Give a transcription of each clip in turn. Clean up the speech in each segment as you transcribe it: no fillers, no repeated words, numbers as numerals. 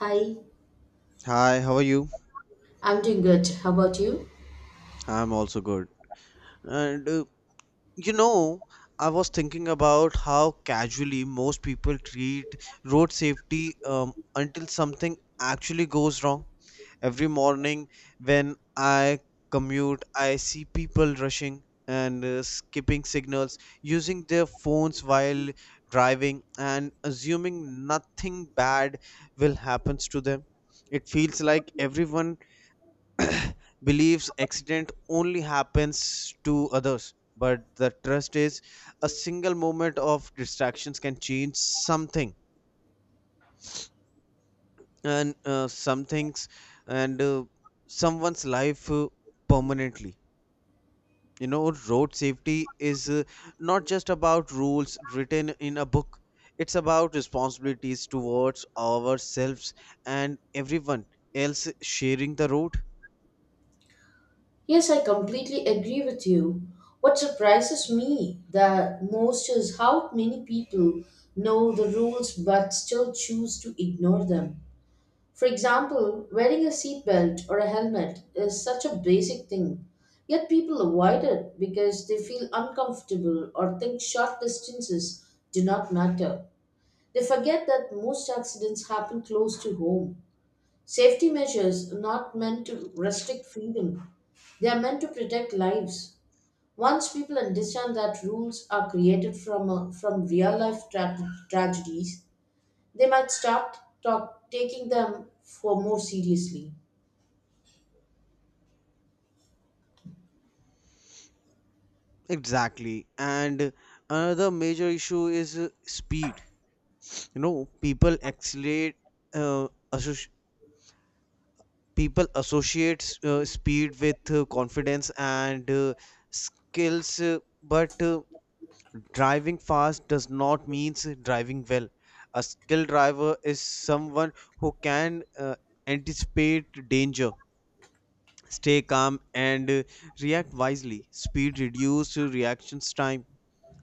Hi, Hi, how are you? I'm doing good. How about you? I'm also good. And you know, I was thinking about how casually most people treat road safety until something actually goes wrong. Every morning when I commute, I see people rushing and skipping signals, using their phones while driving, and assuming nothing bad will happen to them. It feels like everyone believes accident only happens to others, but the trust is a single moment of distractions can change something and some things and someone's life permanently. Road safety is not just about rules written in a book, it's about responsibilities towards ourselves and everyone else sharing the road. Yes, I completely agree with you. What surprises me the most is how many people know the rules but still choose to ignore them. For example, wearing a seatbelt or a helmet is such a basic thing, yet people avoid it because they feel uncomfortable or think short distances do not matter. They forget that most accidents happen close to home. Safety measures are not meant to restrict freedom, they are meant to protect lives. Once people understand that rules are created from real life tragedies, they might start taking them for more seriously. Exactly. And another major issue is speed. People accelerate, uh, associ- people associate speed with confidence and skills, but driving fast does not mean driving well. A skilled driver is someone who can anticipate danger, stay calm, and react wisely. Speed reduces reactions time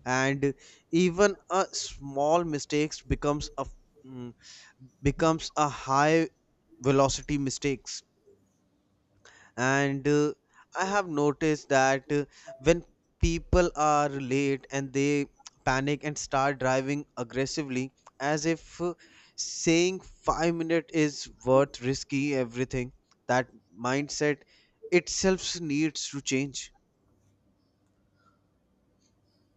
and even a small mistakes becomes mm, a high velocity mistakes. And I have noticed that when people are late and they panic and start driving aggressively as if saying 5 minute is worth risky everything, that mindset itself needs to change.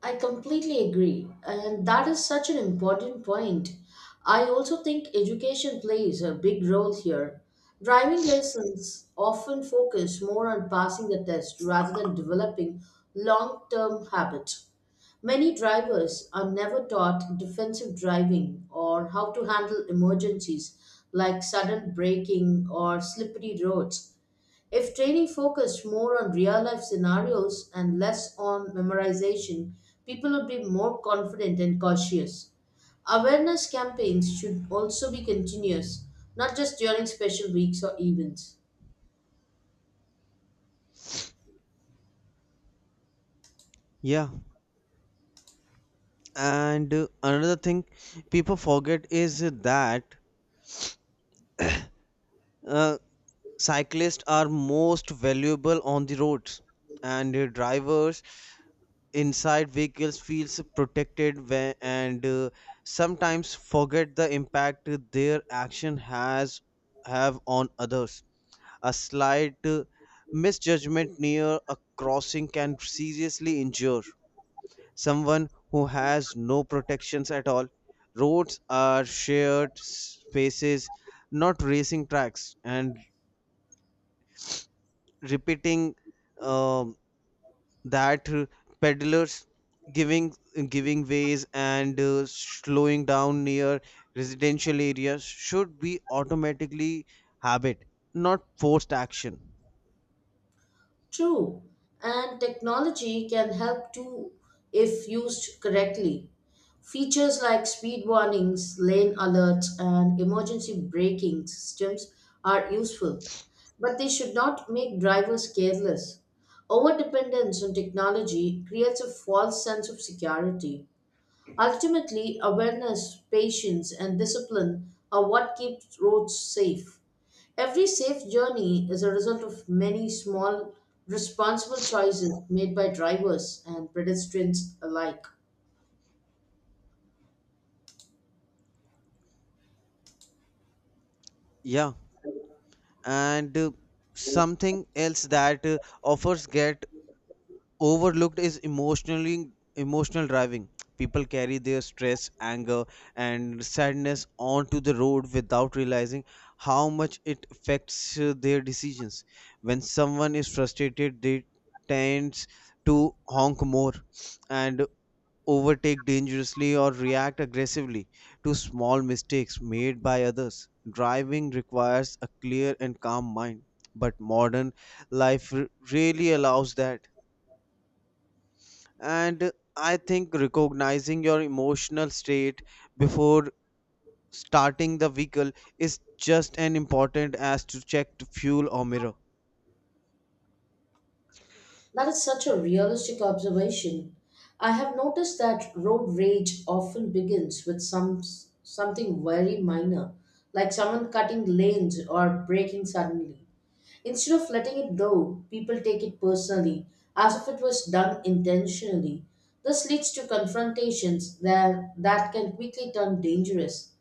I completely agree, and that is such an important point. I also think education plays a big role here. Driving lessons often focus more on passing the test rather than developing long term habits. Many drivers are never taught defensive driving or how to handle emergencies like sudden braking or slippery roads. If training focused more on real life scenarios and less on memorization, people would be more confident and cautious. Awareness campaigns should also be continuous, not just during special weeks or events. Yeah. And another thing people forget is that uh, cyclists are most valuable on the roads, and drivers inside vehicles feels protected when, and sometimes forget the impact their action has have on others. A slight misjudgment near a crossing can seriously injure someone who has no protections at all. Roads are shared spaces, not racing tracks. And repeating um, that peddlers giving giving ways and slowing down near residential areas should be automatically habit, not forced action. True, and technology can help too if used correctly. Features like speed warnings, lane alerts, and emergency braking systems are useful, but they should not make drivers careless. Overdependence on technology creates a false sense of security. Ultimately, awareness, patience, and discipline are what keep roads safe. Every safe journey is a result of many small, responsible choices made by drivers and pedestrians alike. Yeah. And something else that offers get overlooked is emotional driving. People carry their stress, anger, and sadness onto the road without realizing how much it affects their decisions. When someone is frustrated, they tends to honk more and overtake dangerously or react aggressively to small mistakes made by others. Driving requires a clear and calm mind, but modern life really allows that. And I think recognizing your emotional state before starting the vehicle is just as important as to check to fuel or mirror. That is such a realistic observation. I have noticed that road rage often begins with something very minor, like someone cutting lanes or braking suddenly. Instead of letting it go, people take it personally, as if it was done intentionally. This leads to confrontations that can quickly turn dangerous.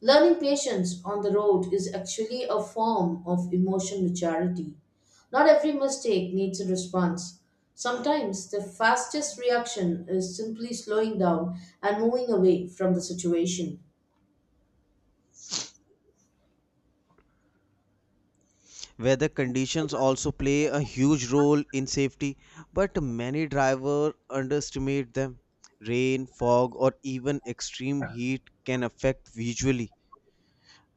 Learning patience on the road is actually a form of emotion maturity. Not every mistake needs a response. Sometimes the fastest reaction is simply slowing down and moving away from the situation. Weather conditions also play a huge role in safety, but many drivers underestimate them. Rain, fog, or even extreme heat can affect visually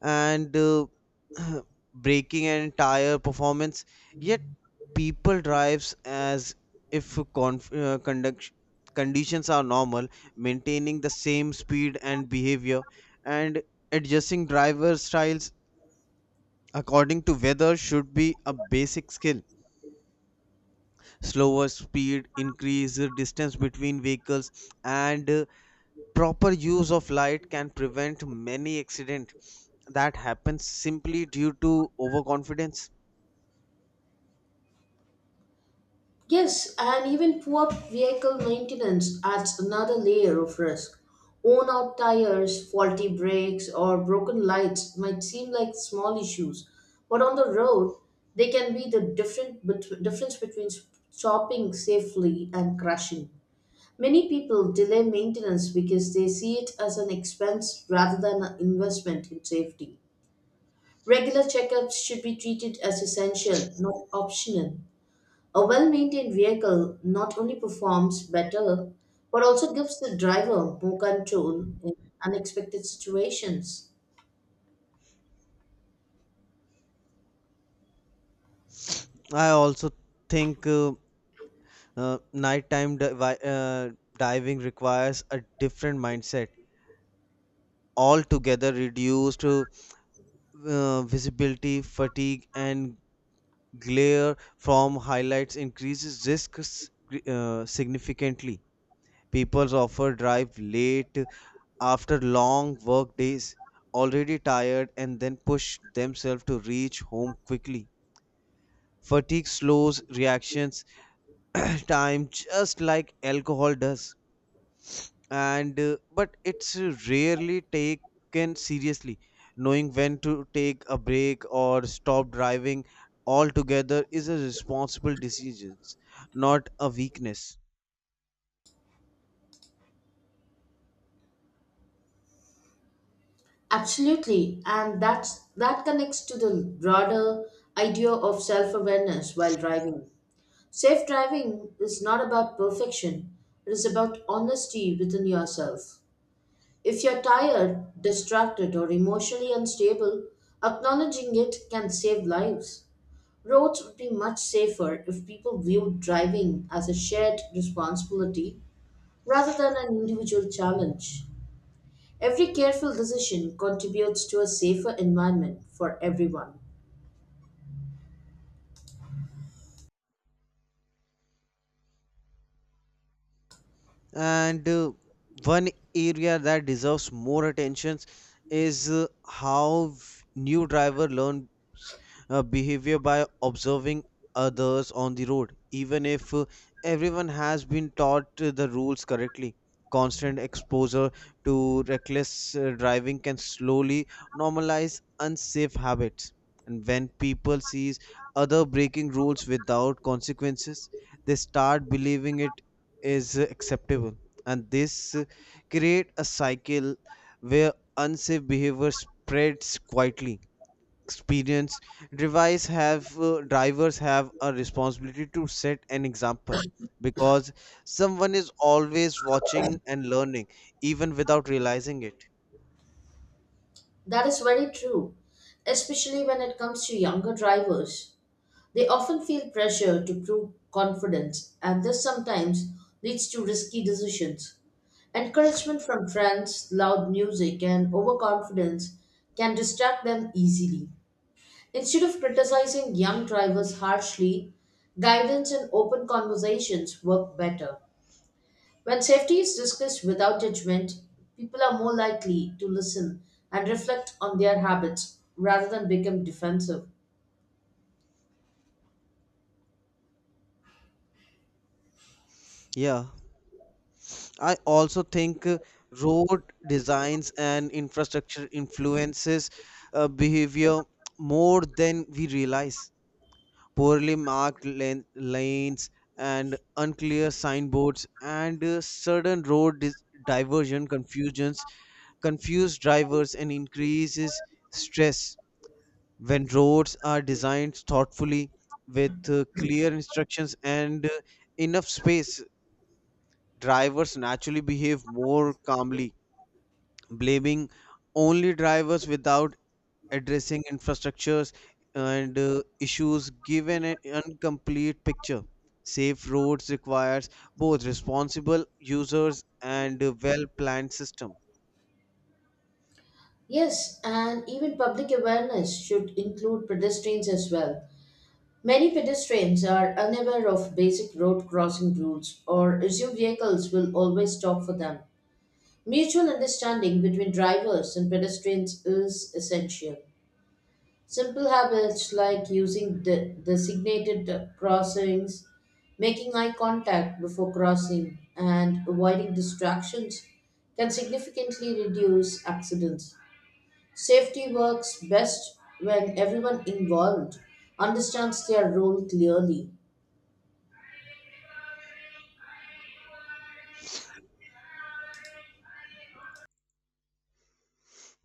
and breaking an entire performance. Yet people drives as if conditions are normal, maintaining the same speed and behavior, and adjusting driver styles according to weather should be a basic skill. Slower speed, increased distance between vehicles, and proper use of light can prevent many accidents that happen simply due to overconfidence. Yes, and even poor vehicle maintenance adds another layer of risk. Worn out tires, faulty brakes, or broken lights might seem like small issues, but on the road, they can be the difference between stopping safely and crashing. Many people delay maintenance because they see it as an expense rather than an investment in safety. Regular checkups should be treated as essential, not optional. A well maintained vehicle not only performs better, but also gives the driver more control in unexpected situations. I also think nighttime diving requires a different mindset altogether. Reduced visibility, fatigue, and glare from highlights increases risks significantly. People often drive late after long work days, already tired, and then push themselves to reach home quickly. Fatigue slows reactions time, just like alcohol does. And uh, but it's rarely taken seriously. Knowing when to take a break or stop driving altogether is a responsible decision, not a weakness. Absolutely, and that connects to the broader idea of self awareness while driving. Safe driving is not about perfection, it is about honesty within yourself. If you're tired, distracted, or emotionally unstable, acknowledging it can save lives. Roads would be much safer if people viewed driving as a shared responsibility rather than an individual challenge. Every careful decision contributes to a safer environment for everyone. And one area that deserves more attention is how new driver learn behavior by observing others on the road, even if everyone has been taught the rules correctly. Constant exposure to reckless driving can slowly normalize unsafe habits. And when people sees other breaking rules without consequences, they start believing it is acceptable. And this create a cycle where unsafe behavior spreads quietly. Experience drivers have a responsibility to set an example, because someone is always watching and learning, even without realizing it. That is very true, especially when it comes to younger drivers. They often feel pressure to prove confidence, and this sometimes leads to risky decisions. Encouragement from friends, loud music, and overconfidence can distract them easily. Instead of criticizing young drivers harshly, guidance and open conversations work better. When safety is discussed without judgment, people are more likely to listen and reflect on their habits rather than become defensive. Yeah. I also think road designs and infrastructure influences behavior more than we realize. Poorly marked lanes and unclear signboards and sudden road diversion confusions confuse drivers and increases stress. When roads are designed thoughtfully with clear instructions and enough space, drivers naturally behave more calmly. Blaming only drivers without addressing infrastructures and issues given an incomplete picture. Safe roads requires both responsible users and a well-planned system. Yes, and even public awareness should include pedestrians as well. Many pedestrians are unaware of basic road crossing rules or assume vehicles will always stop for them. Mutual understanding between drivers and pedestrians is essential. Simple habits like using designated crossings, making eye contact before crossing, and avoiding distractions can significantly reduce accidents. Safety works best when everyone involved understands their role clearly.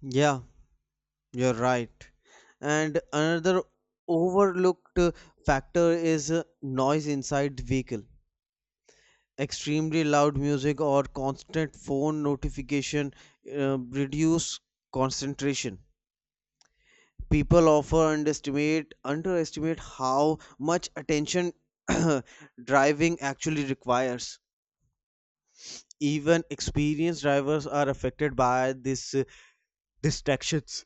Yeah, you're right. And another overlooked factor is noise inside the vehicle. Extremely loud music or constant phone notification reduce concentration. People often underestimate how much attention driving actually requires. Even experienced drivers are affected by these distractions,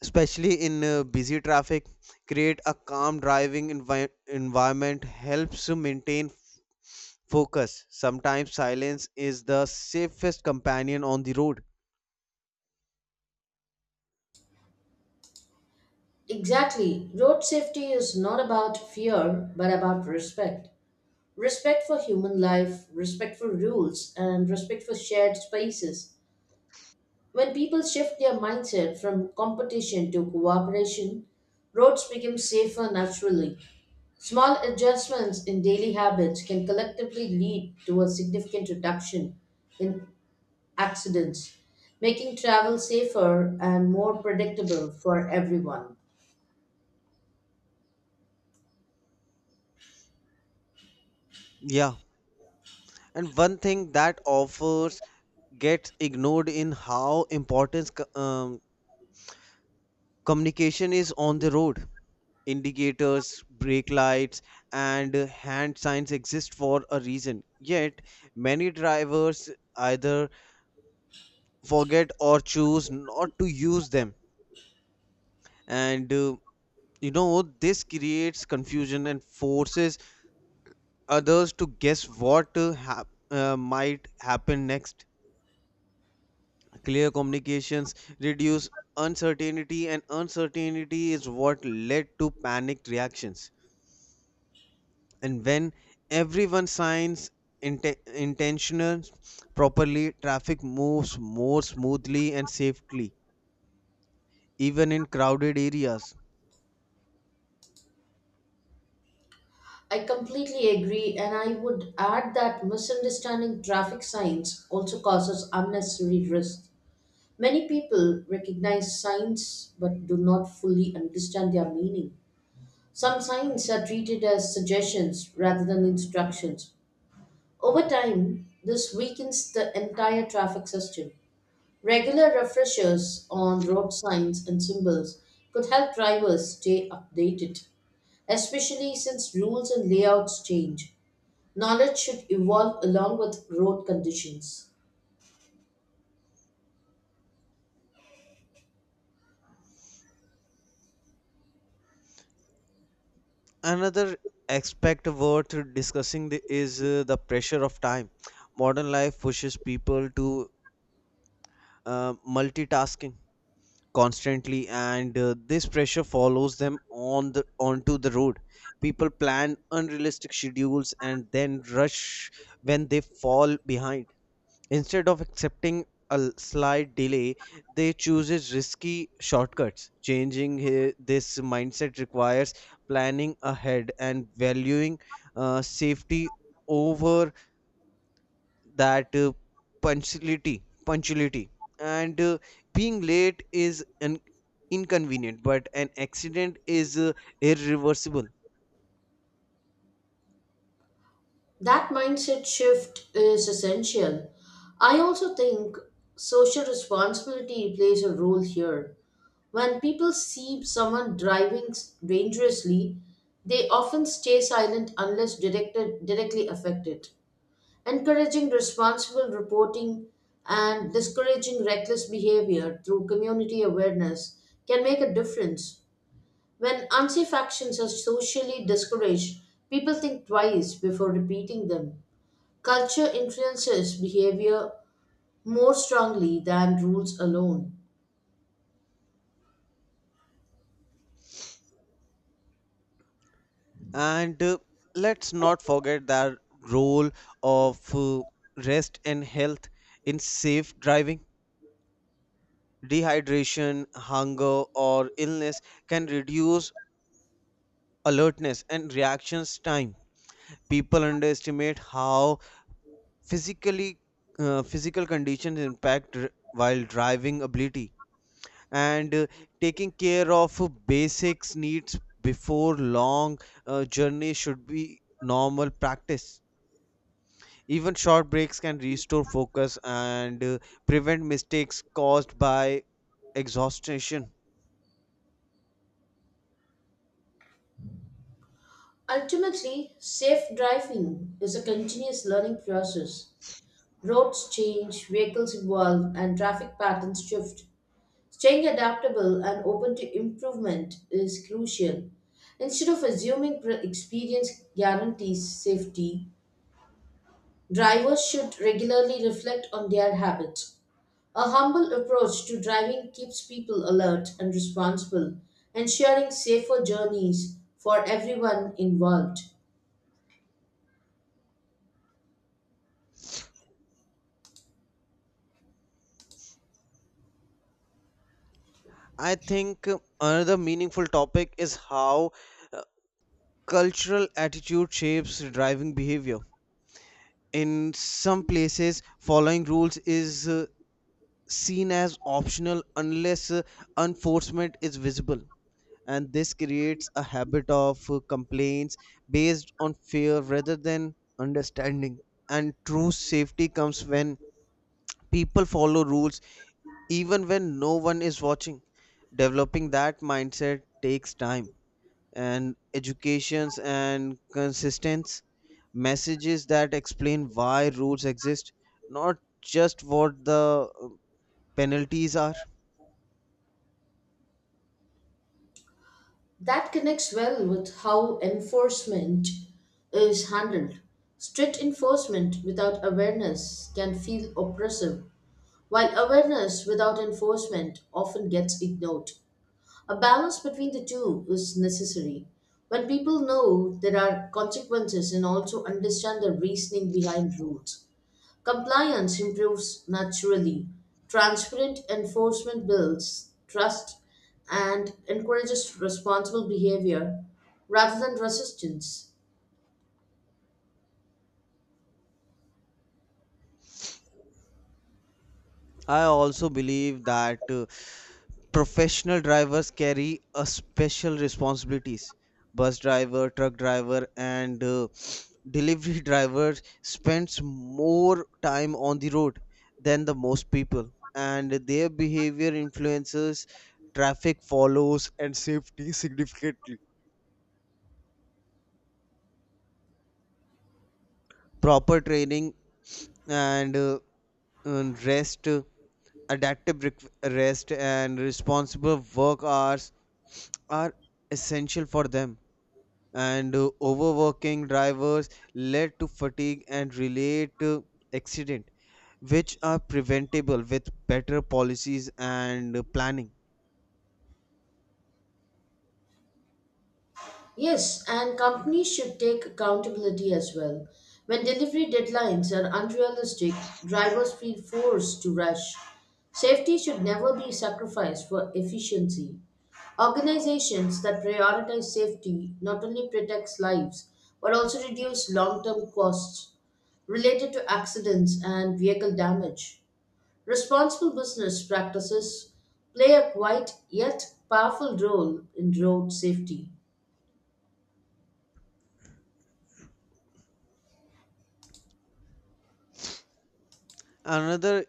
especially in busy traffic. Create a calm driving environment helps to maintain focus. Sometimes silence is the safest companion on the road. Exactly. Road safety is not about fear, but about respect. Respect for human life, respect for rules, and respect for shared spaces. When people shift their mindset from competition to cooperation, roads become safer naturally. Small adjustments in daily habits can collectively lead to a significant reduction in accidents, making travel safer and more predictable for everyone. Yeah. And one thing that offers gets ignored in how important communication is on the road. Indicators, brake lights, and hand signs exist for a reason. Yet, many drivers either forget or choose not to use them. And this creates confusion and forces others to guess what might happen next. Clear communications reduce uncertainty, and uncertainty is what led to panicked reactions. And when everyone signs intentions properly, traffic moves more smoothly and safely, even in crowded areas. I completely agree, and I would add that misunderstanding traffic signs also causes unnecessary risk. Many people recognize signs but do not fully understand their meaning. Some signs are treated as suggestions rather than instructions. Over time, this weakens the entire traffic system. Regular refreshers on road signs and symbols could help drivers stay updated, especially since rules and layouts change. Knowledge should evolve along with road conditions. Another aspect worth discussing is the pressure of time. Modern life pushes people to multitasking constantly, and this pressure follows them on the onto the road. People plan unrealistic schedules and then rush when they fall behind. Instead of accepting a slight delay, they chooses risky shortcuts. Changing this mindset requires planning ahead and valuing safety over that punctuality. Punctuality and being late is an inconvenient, but an accident is irreversible. That mindset shift is essential. I also think social responsibility plays a role here. When people see someone driving dangerously, they often stay silent unless directly affected. Encouraging responsible reporting and discouraging reckless behavior through community awareness can make a difference. When unsafe actions are socially discouraged, people think twice before repeating them. Culture influences behavior more strongly than rules alone. And let's not forget the role of rest and health in safe driving. Dehydration, hunger, or illness can reduce alertness and reactions time. People underestimate how physically physical conditions impact while driving ability. And taking care of basics needs before long journey should be normal practice. Even short breaks can restore focus and prevent mistakes caused by exhaustion. Ultimately, safe driving is a continuous learning process. Roads change, vehicles evolve, and traffic patterns shift. Staying adaptable and open to improvement is crucial. Instead of assuming experience guarantees safety, drivers should regularly reflect on their habits. A humble approach to driving keeps people alert and responsible, ensuring safer journeys for everyone involved. I think another meaningful topic is how uh, cultural attitude shapes driving behavior. In some places, following rules is seen as optional unless enforcement is visible. And this creates a habit of complaints based on fear rather than understanding. And true safety comes when people follow rules even when no one is watching. Developing that mindset takes time and educations and consistence messages that explain why rules exist, not just what the penalties are. That connects well with how enforcement is handled. Strict enforcement without awareness can feel oppressive, while awareness without enforcement often gets ignored. A balance between the two is necessary. When people know there are consequences and also understand the reasoning behind rules, compliance improves naturally. Transparent enforcement builds trust and encourages responsible behavior rather than resistance. I also believe that professional drivers carry a special responsibilities. Bus driver, truck driver, and delivery driver spends more time on the road than the most people, and their behavior influences traffic follows and safety significantly. Proper training and uh, and rest, rest and responsible work hours are essential for them. And overworking drivers led to fatigue and relate accident, which are preventable with better policies and planning. Yes, and companies should take accountability as well. When delivery deadlines are unrealistic, drivers feel forced to rush. Safety should never be sacrificed for efficiency. Organizations that prioritize safety not only protects lives but also reduce long-term costs related to accidents and vehicle damage. Responsible business practices play a quiet yet powerful role in road safety. Another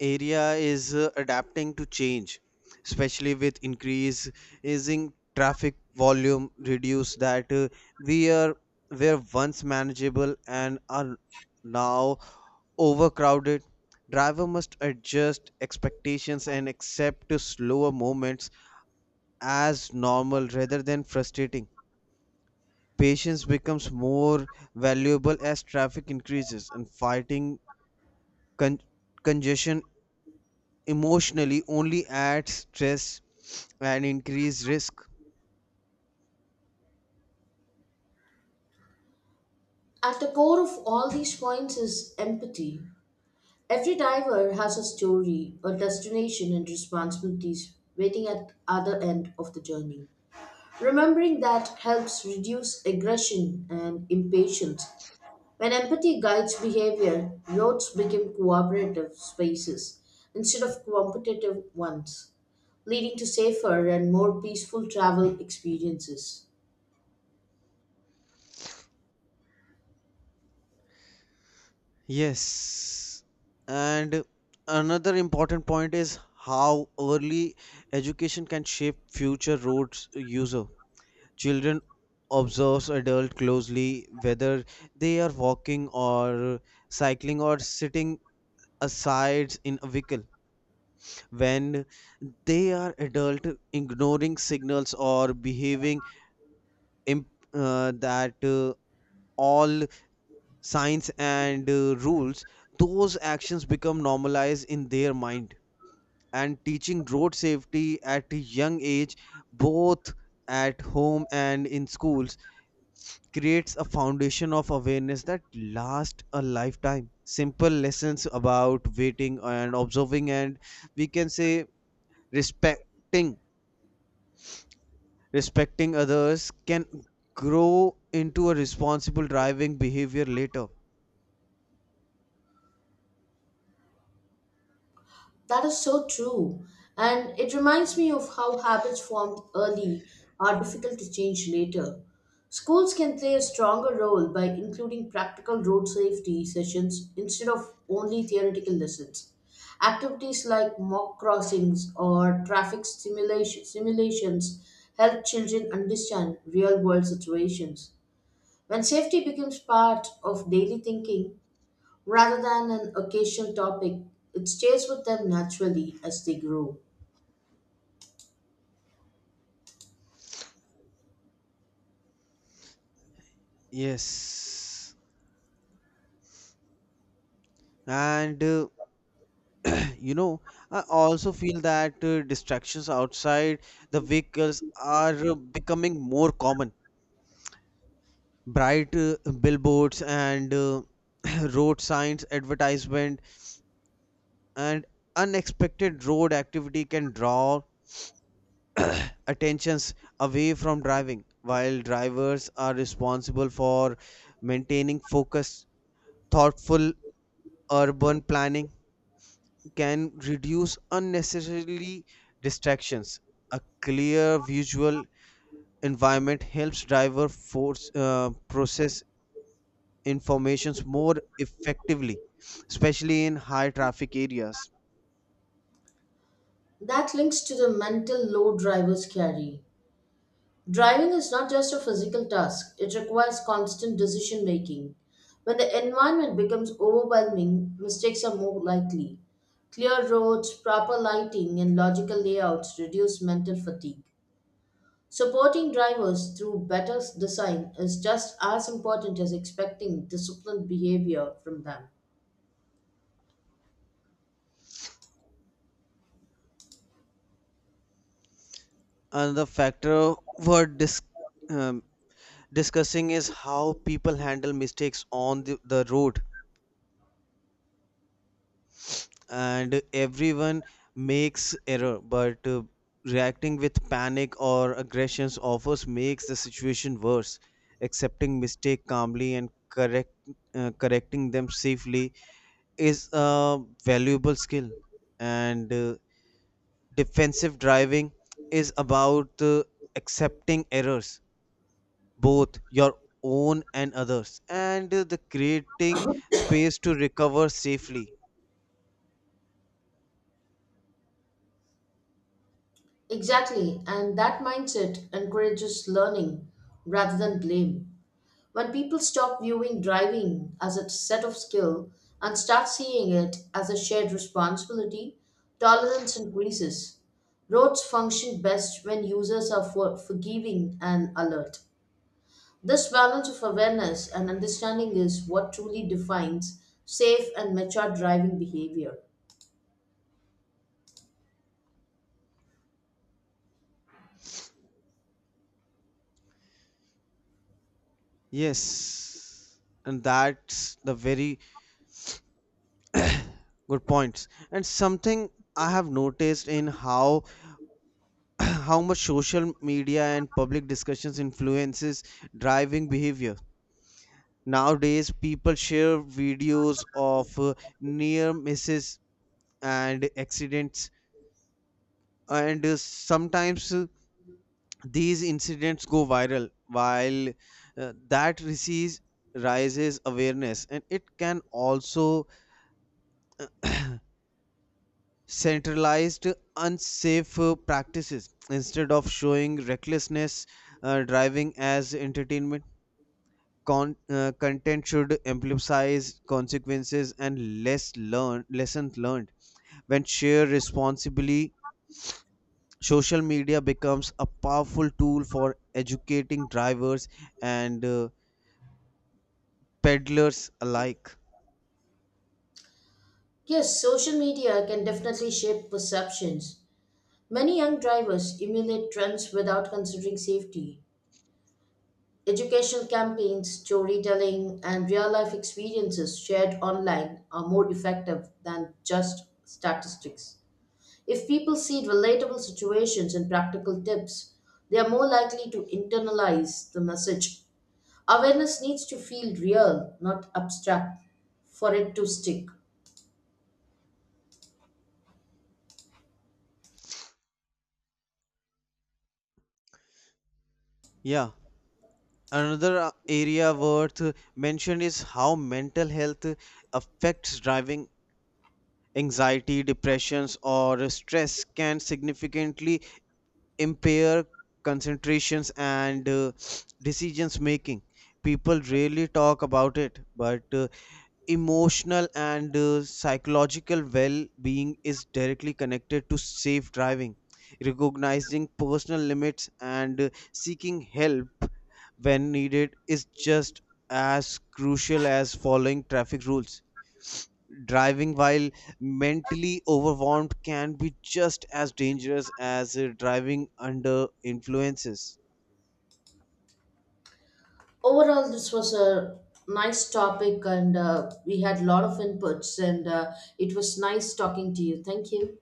area is adapting to change, especially with increase increasing traffic volume reduce that we are were once manageable and are now overcrowded. Driver must adjust expectations and accept to slower moments, as normal rather than frustrating. Patience becomes more valuable as traffic increases, and fighting con- congestion emotionally only adds stress and increased risk. At the core of all these points is empathy. Every diver has a story, a destination, and responsibilities waiting at the other end of the journey. Remembering that helps reduce aggression and impatience. When empathy guides behavior, roads become cooperative spaces instead of competitive ones, leading to safer and more peaceful travel experiences. Yes. And another important point is how early education can shape future roads user. Children observes adult closely, whether they are walking or cycling or sitting asides in a vehicle. When they are adult ignoring signals or behaving imp- that all signs and rules, those actions become normalized in their mind. And teaching road safety at a young age, both at home and in schools, creates a foundation of awareness that lasts a lifetime. Simple lessons about waiting and observing and we can say respecting respecting others can grow into a responsible driving behavior later. That is so true. And it reminds me of how habits formed early are difficult to change later. Schools can play a stronger role by including practical road safety sessions instead of only theoretical lessons. Activities like mock crossings or simulations help children understand real world situations. When safety becomes part of daily thinking, rather than an occasional topic, it stays with them naturally as they grow. Yes. And uh, you know i also feel that distractions outside the vehicles are becoming more common. Bright billboards and road signs advertisement and unexpected road activity can draw attentions away from driving, while drivers are responsible for maintaining focus. Thoughtful urban planning can reduce unnecessarily distractions. A clear visual environment helps driver force process informations more effectively, especially in high traffic areas. That links to the mental load drivers carry. Driving is not just a physical task, it requires constant decision making. When the environment becomes overwhelming, mistakes are more likely. Clear roads, proper lighting, and logical layouts reduce mental fatigue. Supporting drivers through better design is just as important as expecting disciplined behavior from them. Another factor worth um, discussing is how people handle mistakes on the road. And everyone makes error, but reacting with panic or aggressions offers makes the situation worse. Accepting mistake calmly and correcting them safely is a valuable skill. And defensive driving is about accepting errors, both your own and others, and the creating space to recover safely. Exactly, and that mindset encourages learning rather than blame. When people stop viewing driving as a set of skill and start seeing it as a shared responsibility, tolerance increases. Roads function best when users are forgiving and alert. This balance of awareness and understanding is what truly defines safe and mature driving behavior. Yes, and that's the very good points. And something I have noticed in how how much social media and public discussions influences driving behavior. Nowadays, people share videos of near misses and accidents, and sometimes these incidents go viral, while that receives rises awareness, and it can also centralized unsafe practices instead of showing recklessness driving as entertainment content should emphasize consequences and less learn lessons learned. When shared responsibly, social media becomes a powerful tool for educating drivers and peddlers alike. Yes, social media can definitely shape perceptions. Many young drivers emulate trends without considering safety. Educational campaigns, storytelling, and real life experiences shared online are more effective than just statistics. If people see relatable situations and practical tips, they are more likely to internalize the message. Awareness needs to feel real, not abstract, for it to stick. Yeah. Another area worth mention is how mental health affects driving. Anxiety, depressions, or stress can significantly impair concentrations and decisions making. People rarely talk about it, but emotional and psychological well being is directly connected to safe driving. Recognizing personal limits and seeking help when needed is just as crucial as following traffic rules. Driving while mentally overwhelmed can be just as dangerous as driving under influences. Overall this was a nice topic and we had a lot of inputs and it was nice talking to you. Thank you.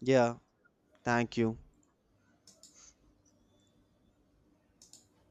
Yeah, thank you.